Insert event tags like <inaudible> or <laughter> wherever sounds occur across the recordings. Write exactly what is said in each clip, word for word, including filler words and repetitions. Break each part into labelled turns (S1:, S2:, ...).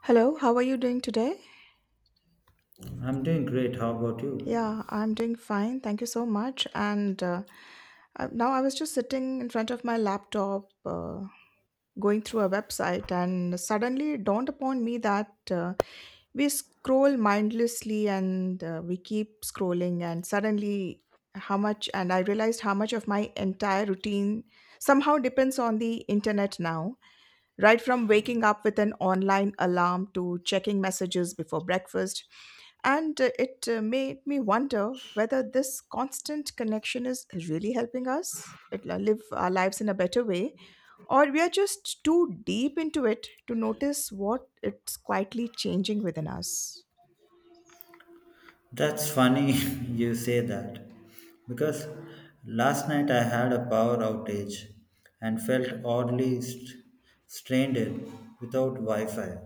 S1: Hello, how are you doing today?
S2: I'm doing great. How about you?
S1: Yeah, I'm doing fine. Thank you so much. And uh, uh, Now I was just sitting in front of my laptop, uh, going through a website, and suddenly it dawned upon me that uh, we scroll mindlessly, and uh, we keep scrolling, and suddenly how much, and I realized how much of my entire routine somehow depends on the internet now. Right from waking up with an online alarm to checking messages before breakfast, and uh, it uh, made me wonder whether this constant connection is really helping us it- uh, live our lives in a better way, or we are just too deep into it to notice what it's quietly changing within us.
S2: That's funny <laughs> you say that because last night I had a power outage and felt oddly st- strained in without Wi Fi.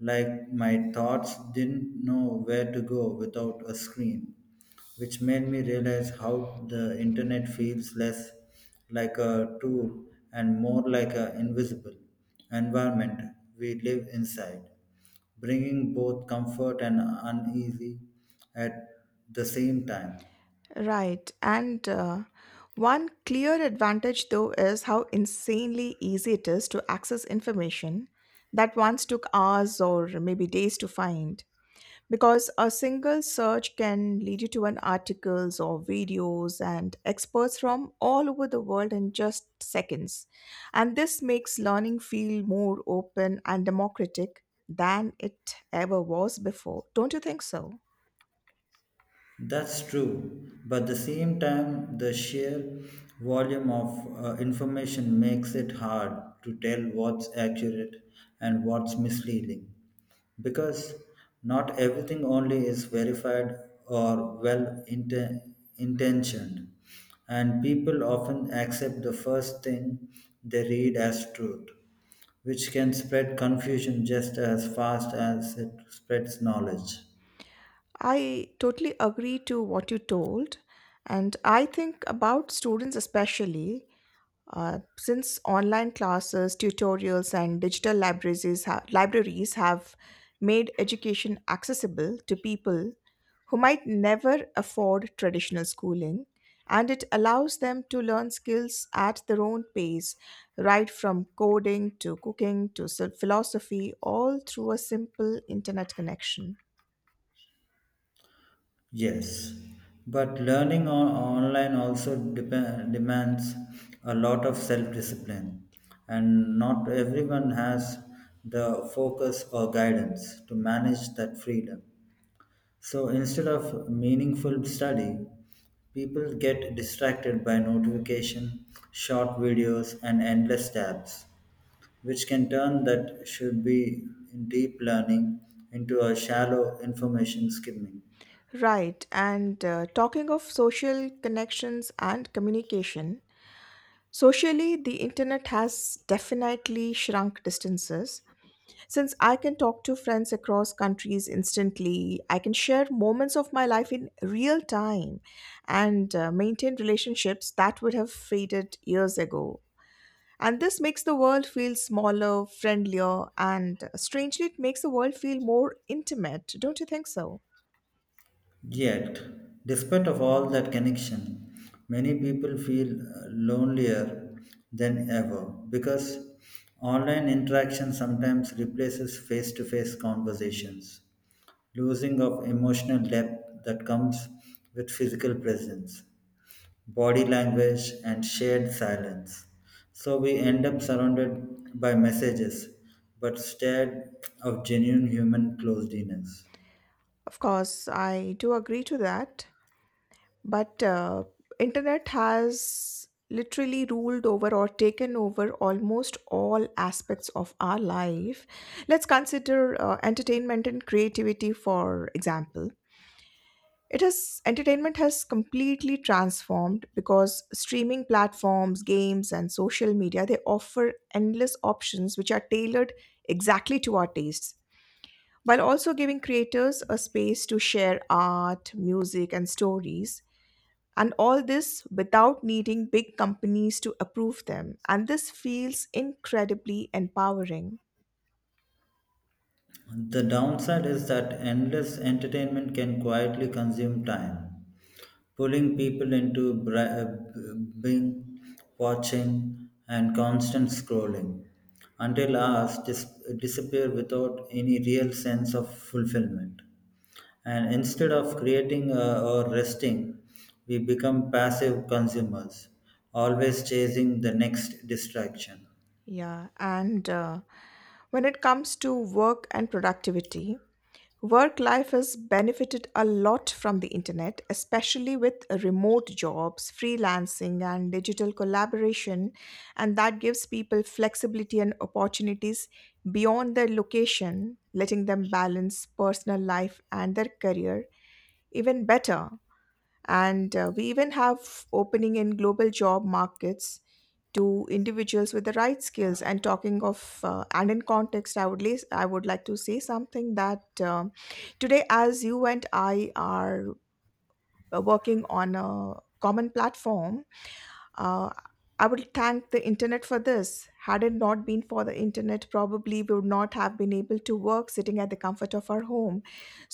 S2: Like my thoughts didn't know where to go without a screen, which made me realize how the internet feels less like a tool and more like an invisible environment we live inside, bringing both comfort and uneasy at the same time.
S1: Right. And uh, One clear advantage, though, is how insanely easy it is to access information that once took hours or maybe days to find, because a single search can lead you to an articles or videos and experts from all over the world in just seconds. And this makes learning feel more open and democratic than it ever was before. Don't you think so?
S2: That's true, but the same time, the sheer volume of uh, information makes it hard to tell what's accurate and what's misleading, because not everything only is verified or well inten- intentioned, and people often accept the first thing they read as truth, which can spread confusion just as fast as it spreads knowledge.
S1: I totally agree to what you told. And I think about students, especially uh, since online classes, tutorials, and digital libraries, is ha- libraries have made education accessible to people who might never afford traditional schooling. And it allows them to learn skills at their own pace, right from coding to cooking to s- philosophy, all through a simple internet connection.
S2: Yes, but learning on online also dep- demands a lot of self-discipline, and not everyone has the focus or guidance to manage that freedom. So instead of meaningful study, people get distracted by notification, short videos, and endless tabs, which can turn that should be deep learning into a shallow information skimming.
S1: Right. And uh, Talking of social connections and communication, socially, the internet has definitely shrunk distances. Since I can talk to friends across countries instantly, I can share moments of my life in real time and uh, maintain relationships that would have faded years ago. And this makes the world feel smaller, friendlier, and, uh, strangely, it makes the world feel more intimate. Don't you think so?
S2: Yet, despite of all that connection, many people feel uh, lonelier than ever, because online interaction sometimes replaces face-to-face conversations, losing of emotional depth that comes with physical presence, body language, and shared silence. So we end up surrounded by messages, but instead of genuine human closeness.
S1: Of course, I do agree to that, but uh, internet has literally ruled over or taken over almost all aspects of our life. Let's consider uh, entertainment and creativity, for example. It has Entertainment has completely transformed because streaming platforms, games and social media, they offer endless options which are tailored exactly to our tastes, while also giving creators a space to share art, music, and stories, and all this without needing big companies to approve them. And this feels incredibly empowering.
S2: The downside is that endless entertainment can quietly consume time, pulling people into bri- uh, bing, watching, and constant scrolling until hours dis- disappear without any real sense of fulfillment. And instead of creating uh, or resting, we become passive consumers, always chasing the next distraction.
S1: Yeah. And uh, When it comes to work and productivity, work life has benefited a lot from the internet, especially with remote jobs, freelancing, and digital collaboration. And that gives people flexibility and opportunities beyond their location, letting them balance personal life and their career even better. And uh, We even have opening in global job markets to individuals with the right skills, and talking of uh, and in context, I would les- I would like to say something that um today, as you and I are uh, working on a common platform, uh, I would thank the internet for this. Had it not been for the internet, probably we would not have been able to work sitting at the comfort of our home.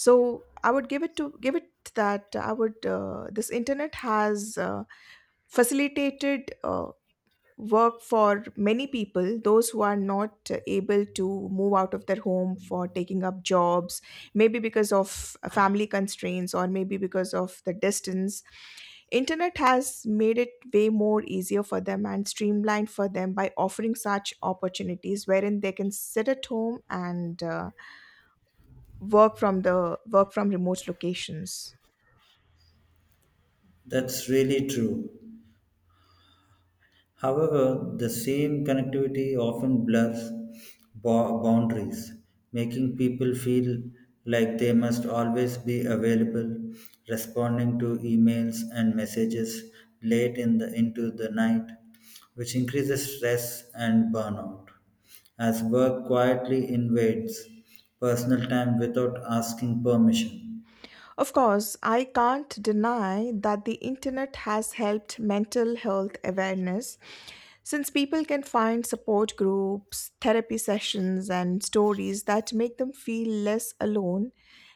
S1: So I would give it to give it that I would, uh, this internet has uh, facilitated uh, work for many people, those who are not uh, able to move out of their home for taking up jobs, maybe because of uh, family constraints or maybe because of the distance. Internet has made it way more easier for them and streamlined for them by offering such opportunities, wherein they can sit at home and uh, work from the work from remote locations.
S2: That's really true. However, the same connectivity often blurs bo- boundaries, making people feel like they must always be available, responding to emails and messages late in the, into the night, which increases stress and burnout, as work quietly invades personal time without asking permission.
S1: Of course, I can't deny that the internet has helped mental health awareness, since people can find support groups, therapy sessions, and stories that make them feel less alone,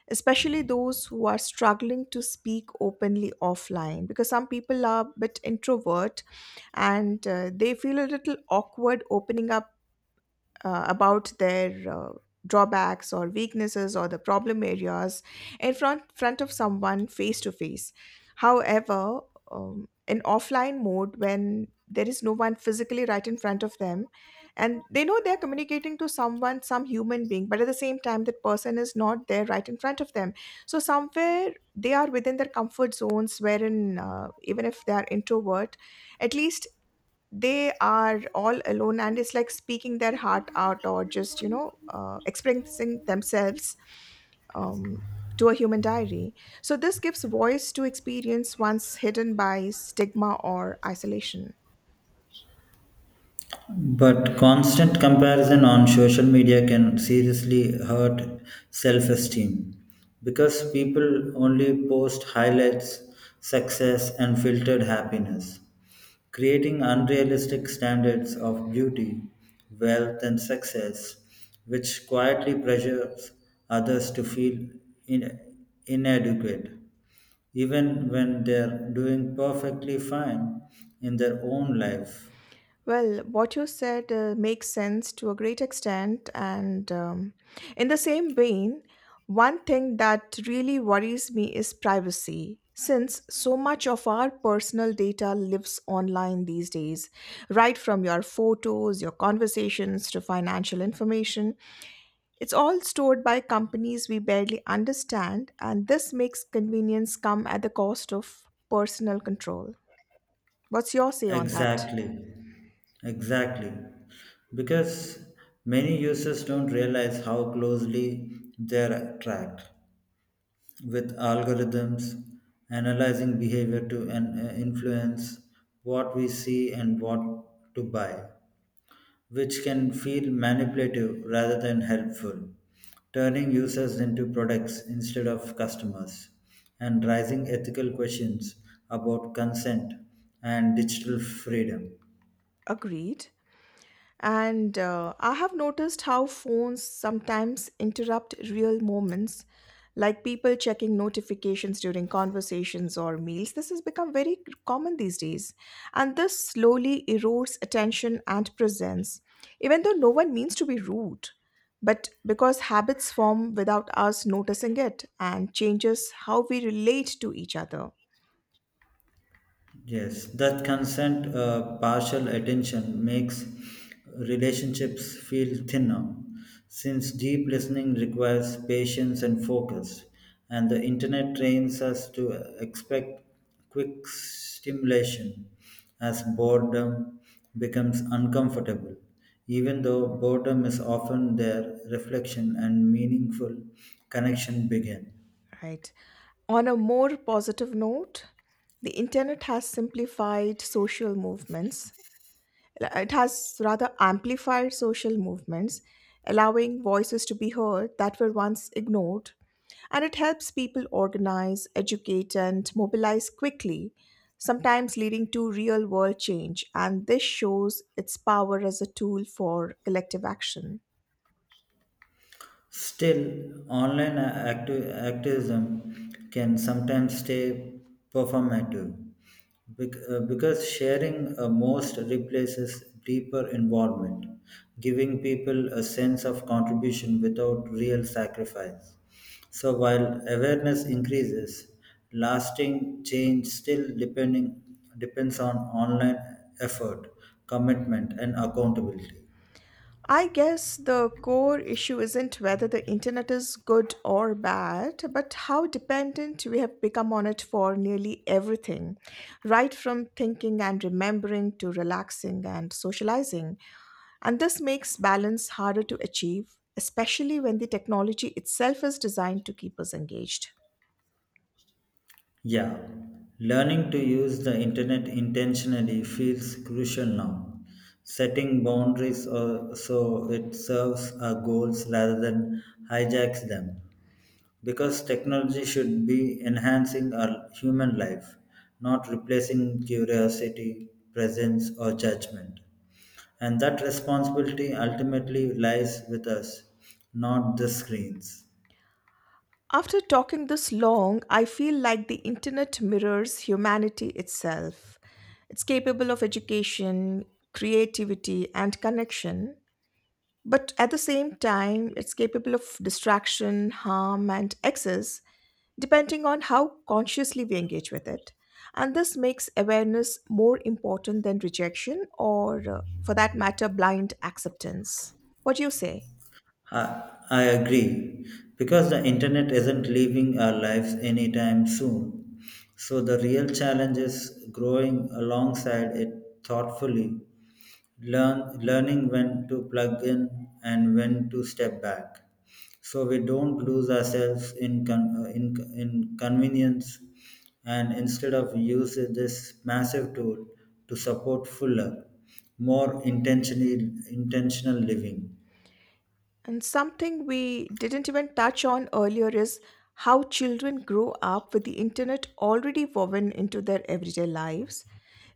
S1: especially those who are struggling to speak openly offline, because some people are a bit introvert and uh, they feel a little awkward opening up uh, about their uh, drawbacks or weaknesses or the problem areas in front, front of someone face to face. However, um, in offline mode, when there is no one physically right in front of them, and they know they're communicating to someone, some human being, but at the same time, that person is not there right in front of them. So, somewhere they are within their comfort zones, wherein uh, even if they are introvert, at least they are all alone and it's like speaking their heart out or just you know uh, expressing themselves um, to a human diary. So this gives voice to experience once hidden by stigma or isolation.
S2: But constant comparison on social media can seriously hurt self esteem, because people only post highlights, success, and filtered happiness, creating unrealistic standards of beauty, wealth, and success, which quietly pressures others to feel in- inadequate, even when they're doing perfectly fine in their own life.
S1: Well, what you said uh, makes sense to a great extent. And um, in the same vein, one thing that really worries me is privacy. Since so much of our personal data lives online these days, right from your photos, your conversations to financial information, it's all stored by companies we barely understand, and this makes convenience come at the cost of personal control. What's your say on that?
S2: Exactly. Exactly. Because many users don't realize how closely they're tracked with algorithms analyzing behavior to an- uh, influence what we see and what to buy, which can feel manipulative rather than helpful, turning users into products instead of customers, and raising ethical questions about consent and digital freedom.
S1: Agreed. And uh, I have noticed how phones sometimes interrupt real moments, like people checking notifications during conversations or meals. This has become very common these days. And this slowly erodes attention and presence, even though no one means to be rude, but because habits form without us noticing it and changes how we relate to each other.
S2: Yes, that consent uh, partial attention makes relationships feel thinner, since deep listening requires patience and focus, and the internet trains us to expect quick stimulation as boredom becomes uncomfortable, even though boredom is often their reflection and meaningful connection begin.
S1: Right. On a more positive note, the internet has simplified social movements. It has rather amplified social movements, allowing voices to be heard that were once ignored, and it helps people organize, educate, and mobilize quickly, sometimes leading to real world change. And this shows its power as a tool for collective action.
S2: Still, online acti- activism can sometimes stay performative bec- uh, because sharing a most replaces deeper involvement, giving people a sense of contribution without real sacrifice. So while awareness increases, lasting change still depending depends on online effort, commitment, and accountability.
S1: I guess the core issue isn't whether the internet is good or bad, but how dependent we have become on it for nearly everything, right from thinking and remembering to relaxing and socializing. And this makes balance harder to achieve, especially when the technology itself is designed to keep us engaged.
S2: Yeah, learning to use the internet intentionally feels crucial now. Setting boundaries uh, so it serves our goals rather than hijacks them. Because technology should be enhancing our human life, not replacing curiosity, presence, or judgment. And that responsibility ultimately lies with us, not the screens.
S1: After talking this long, I feel like the internet mirrors humanity itself. It's capable of education, creativity, and connection, but at the same time, it's capable of distraction, harm, and excess, depending on how consciously we engage with it. And this makes awareness more important than rejection or, uh, for that matter, blind acceptance. What do you say?
S2: I, I agree, because the internet isn't leaving our lives anytime soon. So the real challenge is growing alongside it thoughtfully, learn, learning when to plug in and when to step back. So we don't lose ourselves in, con- uh, in, in convenience, and instead of use this massive tool to support fuller, more intentionally, intentional living.
S1: And something we didn't even touch on earlier is how children grow up with the internet already woven into their everyday lives.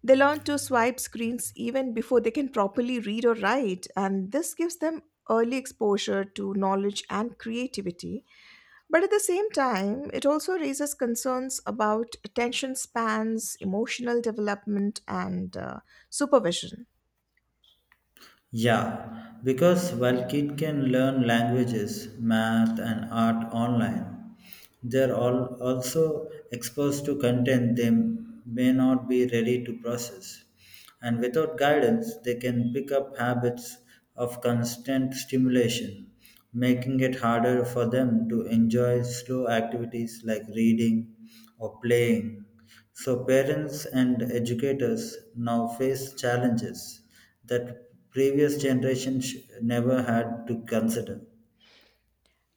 S1: They learn to swipe screens even before they can properly read or write, and this gives them early exposure to knowledge and creativity. But at the same time, it also raises concerns about attention spans, emotional development, and uh, supervision.
S2: Yeah, because while kids can learn languages, math, and art online, they are all also exposed to content they may not be ready to process. And without guidance, they can pick up habits of constant stimulation, making it harder for them to enjoy slow activities like reading or playing. So parents and educators now face challenges that previous generations never had to consider.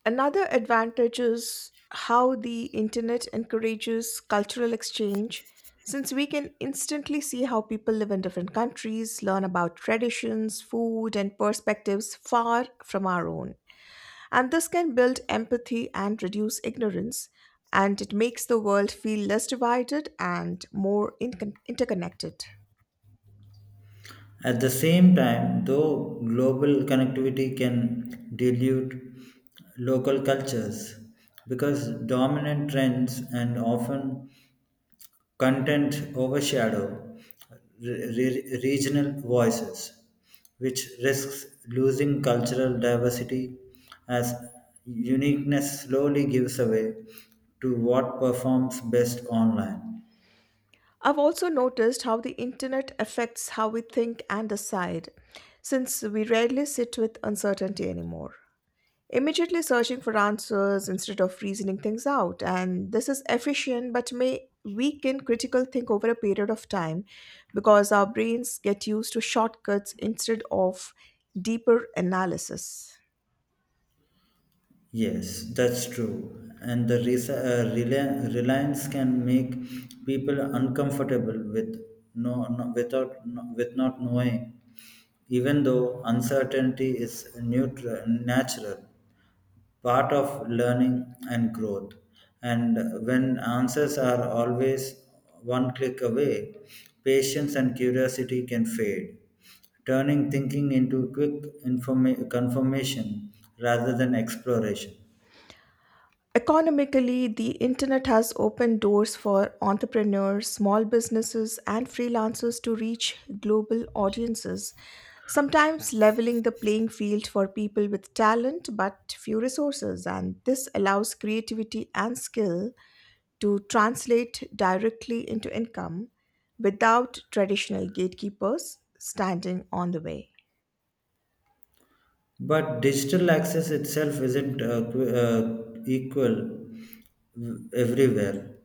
S1: Another advantage is how the internet encourages cultural exchange, since we can instantly see how people live in different countries, learn about traditions, food, and perspectives far from our own. And this can build empathy and reduce ignorance, and it makes the world feel less divided and more incon interconnected.
S2: At the same time, though global connectivity can dilute local cultures because dominant trends and often content overshadow re- re- regional voices, which risks losing cultural diversity as uniqueness slowly gives away to what performs best online.
S1: I've also noticed how the internet affects how we think and decide, since we rarely sit with uncertainty anymore, immediately searching for answers instead of reasoning things out. And this is efficient but may weaken critical think over a period of time, because our brains get used to shortcuts instead of deeper analysis.
S2: Yes, that's true. And the res- uh, reli- reliance can make people uncomfortable with no, no without no, with not knowing, even though uncertainty is neutral, natural part of learning and growth. And when answers are always one click away, patience and curiosity can fade, turning thinking into quick informa- confirmation rather than exploration.
S1: Economically, the internet has opened doors for entrepreneurs, small businesses, and freelancers to reach global audiences, sometimes leveling the playing field for people with talent but few resources. And this allows creativity and skill to translate directly into income without traditional gatekeepers standing on the way.
S2: But digital access itself isn't uh, qu- uh, equal everywhere,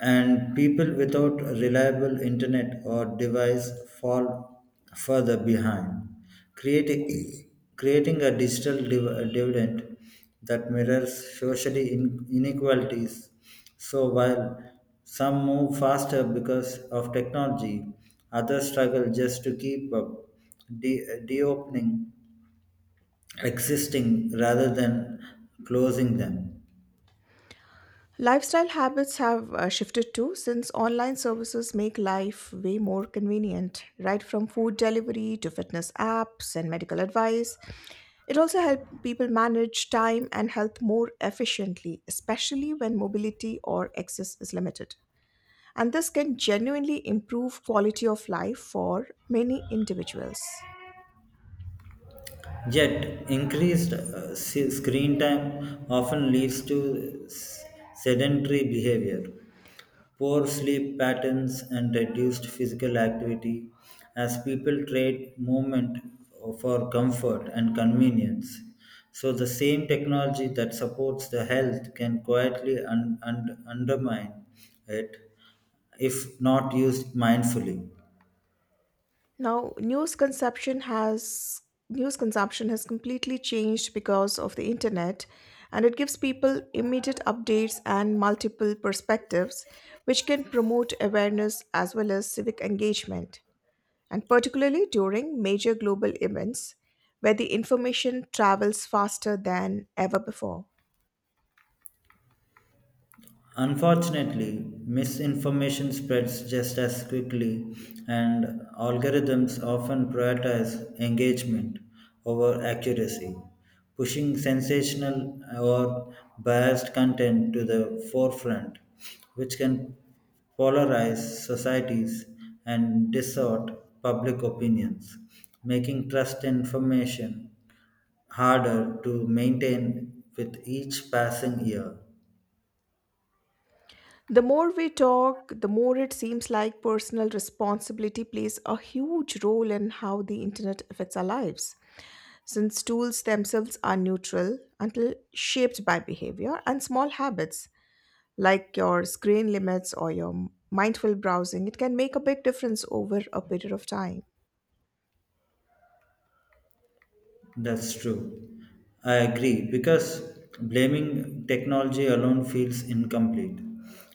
S2: and people without reliable internet or device fall further behind, creating, creating a digital div- dividend that mirrors social in- inequalities. So while some move faster because of technology, others struggle just to keep up, de- de-opening existing rather than closing them.
S1: Lifestyle habits have uh, shifted too, since online services make life way more convenient, right from food delivery to fitness apps and medical advice. It also helps people manage time and health more efficiently, especially when mobility or access is limited. And this can genuinely improve quality of life for many individuals.
S2: Yet, increased uh, s- screen time often leads to s- sedentary behavior, poor sleep patterns, and reduced physical activity as people trade movement for comfort and convenience. So, the same technology that supports the health can quietly un- un- undermine it if not used mindfully.
S1: Now, news consumption has news consumption has completely changed because of the internet, and it gives people immediate updates and multiple perspectives which can promote awareness as well as civic engagement, and particularly during major global events where the information travels faster than ever before.
S2: Unfortunately, misinformation spreads just as quickly, and algorithms often prioritize engagement over accuracy, pushing sensational or biased content to the forefront, which can polarize societies and distort public opinions, making trust in information harder to maintain with each passing year.
S1: The more we talk, the more it seems like personal responsibility plays a huge role in how the internet affects our lives, since tools themselves are neutral until shaped by behavior, and small habits like your screen limits or your mindful browsing It can make a big difference over a period of time.
S2: That's true. I agree, because blaming technology alone feels incomplete,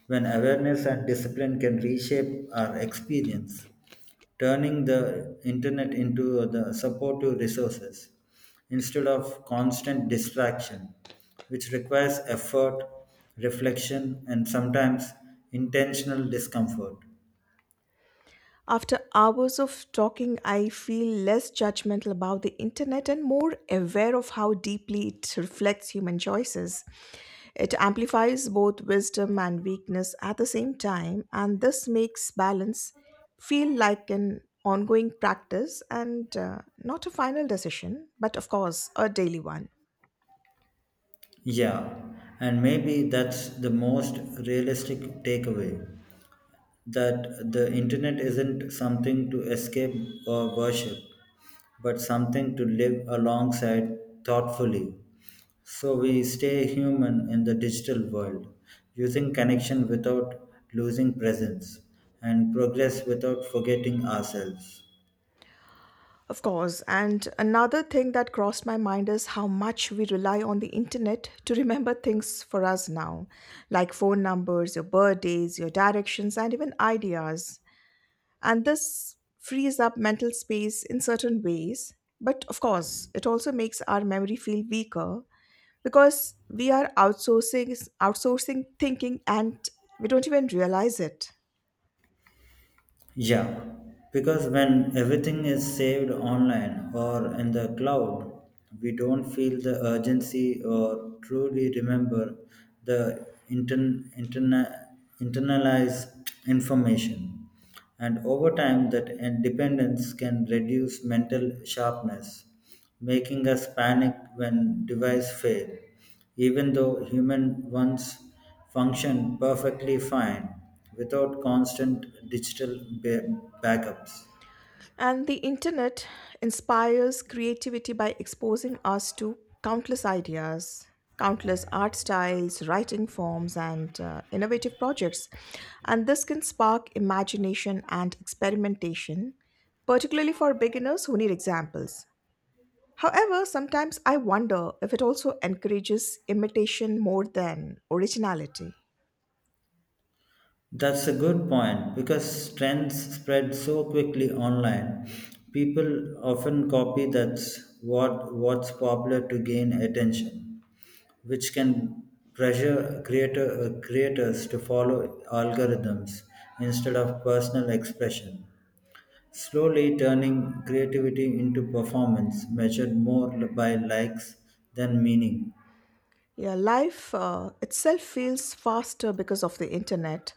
S2: when awareness and discipline can reshape our experience, turning the internet into the supportive resources instead of constant distraction, which requires effort, reflection, and sometimes intentional discomfort.
S1: After hours of talking, I feel less judgmental about the internet and more aware of how deeply it reflects human choices. It amplifies both wisdom and weakness at the same time, and this makes balance feel like an ongoing practice and, uh, not a final decision, but of course, a daily one.
S2: Yeah, and maybe that's the most realistic takeaway, that the internet isn't something to escape or worship, but something to live alongside thoughtfully. So we stay human in the digital world, using connection without losing presence, and progress without forgetting ourselves.
S1: Of course, and another thing that crossed my mind is how much we rely on the internet to remember things for us now, like phone numbers, your birthdays, your directions, and even ideas. And this frees up mental space in certain ways. But of course, it also makes our memory feel weaker because we are outsourcing outsourcing thinking and we don't even realize it.
S2: Yeah, because when everything is saved online or in the cloud, we don't feel the urgency or truly remember the intern, interna, internalized information. And over time, that en- dependence can reduce mental sharpness, making us panic when device fail even though human ones function perfectly fine without constant digital ba- backups.
S1: And the internet inspires creativity by exposing us to countless ideas, countless art styles, writing forms, and uh, innovative projects. And this can spark imagination and experimentation, particularly for beginners who need examples. However, sometimes I wonder if it also encourages imitation more than originality.
S2: That's a good point, because trends spread so quickly online. People often copy that's what what's popular to gain attention, which can pressure creator, uh, creators to follow algorithms instead of personal expression, slowly turning creativity into performance measured more by likes than meaning.
S1: Yeah, life uh, itself feels faster because of the internet,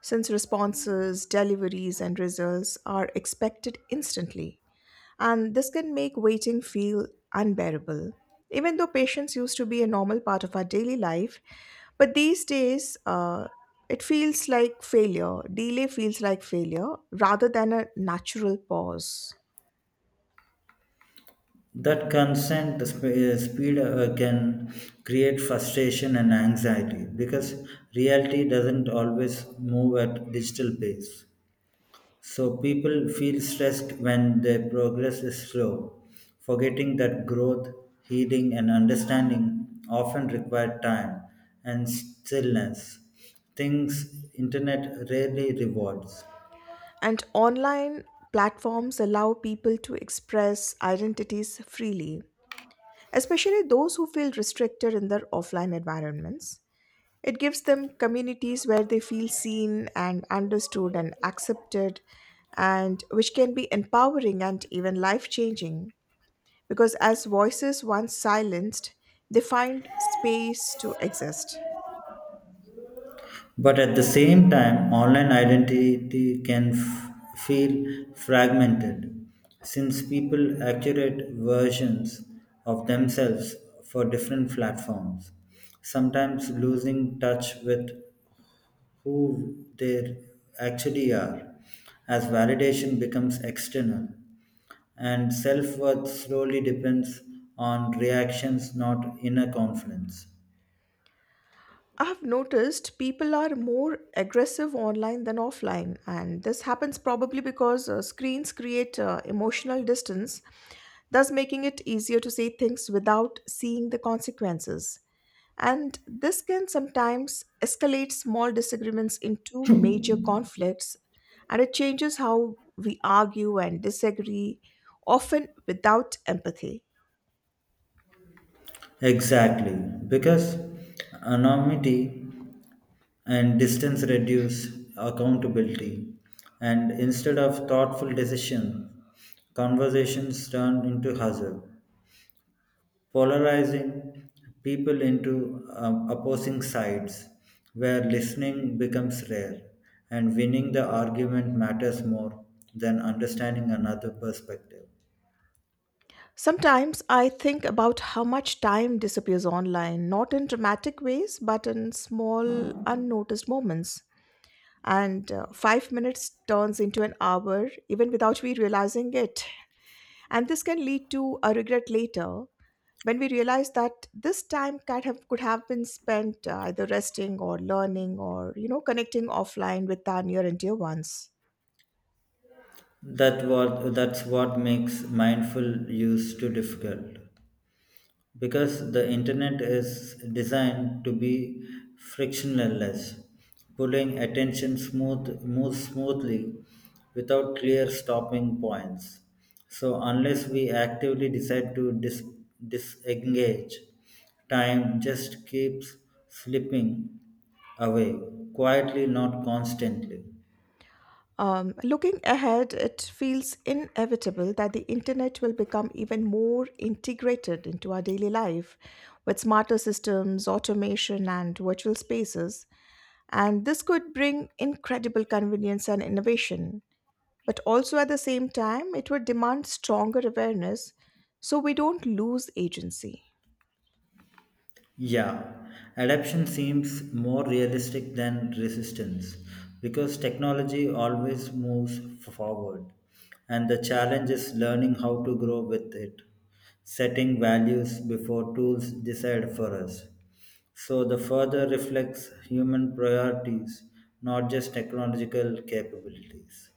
S1: since responses, deliveries, and results are expected instantly. And this can make waiting feel unbearable. Even though patience used to be a normal part of our daily life, but these days uh, it feels like failure. Delay feels like failure rather than a natural pause.
S2: That constant sp- uh, speed uh, can create frustration and anxiety, because reality doesn't always move at digital pace. So people feel stressed when their progress is slow, forgetting that growth, healing, and understanding often require time and stillness, things internet rarely rewards.
S1: And online platforms allow people to express identities freely, especially those who feel restricted in their offline environments. It gives them communities where they feel seen and understood and accepted, and which can be empowering and even life changing because, as voices once silenced, they find space to exist.
S2: But at the same time, online identity can f- feel fragmented, since people accurate versions of themselves for different platforms, sometimes losing touch with who they actually are as validation becomes external and self-worth slowly depends on reactions, not inner confidence.
S1: I have noticed people are more aggressive online than offline, and this happens probably because uh, screens create uh, emotional distance, thus making it easier to say things without seeing the consequences. And this can sometimes escalate small disagreements into major conflicts, and it changes how we argue and disagree, often without empathy.
S2: Exactly, because anonymity and distance reduce accountability, and instead of thoughtful decision, conversations turn into hustle, polarizing people into um, opposing sides, where listening becomes rare and winning the argument matters more than understanding another perspective.
S1: Sometimes I think about how much time disappears online, not in dramatic ways, but in small, unnoticed moments. And uh, five minutes turns into an hour, even without we realizing it. And this can lead to a regret later when we realize that this time could have, could have been spent uh, either resting or learning or you know connecting offline with our near and dear ones.
S2: That what, that's what makes mindful use too difficult, because the internet is designed to be frictionless, pulling attention smooth moves smoothly without clear stopping points. So unless we actively decide to dis- disengage, time just keeps slipping away quietly, not constantly.
S1: Um, looking ahead, it feels inevitable that the internet will become even more integrated into our daily life with smarter systems, automation, and virtual spaces. And this could bring incredible convenience and innovation. But also at the same time, it would demand stronger awareness so we don't lose agency.
S2: Yeah, adaptation seems more realistic than resistance, because technology always moves forward, and the challenge is learning how to grow with it, setting values before tools decide for us. So, the further reflects human priorities, not just technological capabilities.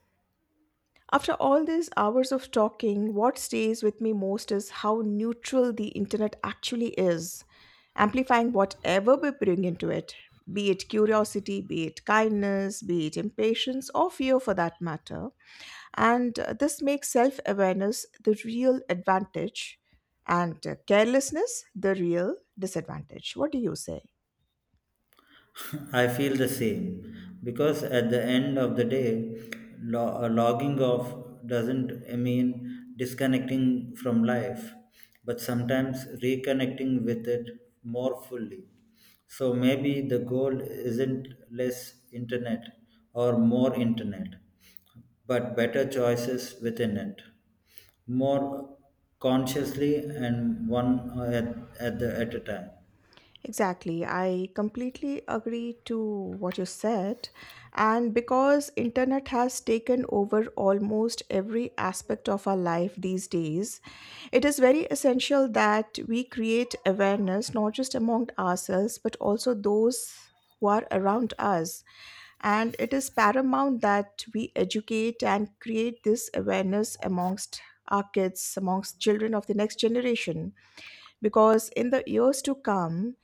S1: After all these hours of talking, what stays with me most is how neutral the internet actually is, amplifying whatever we bring into it, be it curiosity, be it kindness, be it impatience, or fear for that matter. And uh, this makes self awareness the real advantage and uh, carelessness the real disadvantage. What do you say?
S2: I feel the same, because at the end of the day, lo- uh, logging off doesn't mean disconnecting from life, but sometimes reconnecting with it more fully. So maybe the goal isn't less internet or more internet, but better choices within it, more consciously and one at, at, the, at a time.
S1: Exactly. I completely agree to what you said. And because internet has taken over almost every aspect of our life these days, it is very essential that we create awareness not just among ourselves but also those who are around us. And it is paramount that we educate and create this awareness amongst our kids, amongst children of the next generation, because in the years to come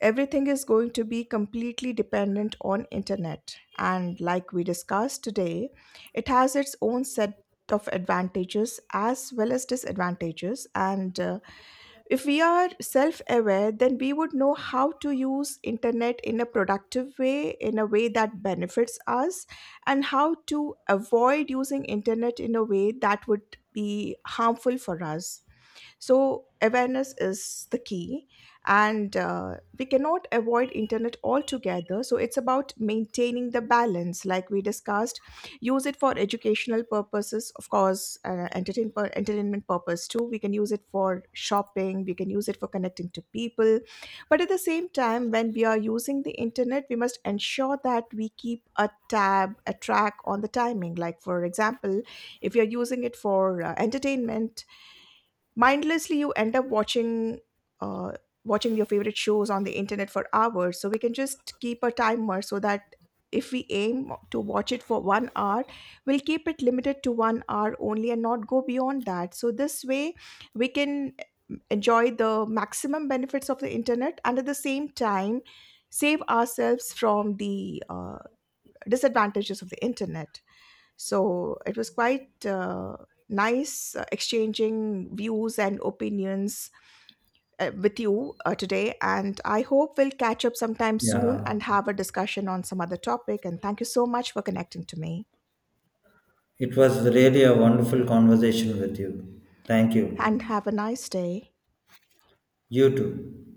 S1: everything is going to be completely dependent on internet, and like we discussed today, it has its own set of advantages as well as disadvantages. And uh, if we are self aware, then we would know how to use internet in a productive way, in a way that benefits us, and how to avoid using internet in a way that would be harmful for us. So, awareness is the key, and uh, we cannot avoid internet altogether. So, it's about maintaining the balance, like we discussed. Use it for educational purposes, of course, uh, entertain, pur- entertainment purpose too. We can use it for shopping, we can use it for connecting to people. But at the same time, when we are using the internet, we must ensure that we keep a tab, a track on the timing. Like, for example, if you're using it for uh, entertainment, mindlessly you end up watching uh, watching your favorite shows on the internet for hours, so we can just keep a timer so that if we aim to watch it for one hour, we'll keep it limited to one hour only and not go beyond that. So this way we can enjoy the maximum benefits of the internet, and at the same time save ourselves from the uh, disadvantages of the internet. So it was quite uh, nice uh, exchanging views and opinions uh, with you uh, today. And I hope we'll catch up sometime soon
S2: Yeah.
S1: and have a discussion on some other topic. And thank you so much for connecting to me.
S2: It was really a wonderful conversation with you. Thank
S1: And
S2: you.
S1: have a nice day.
S2: You too.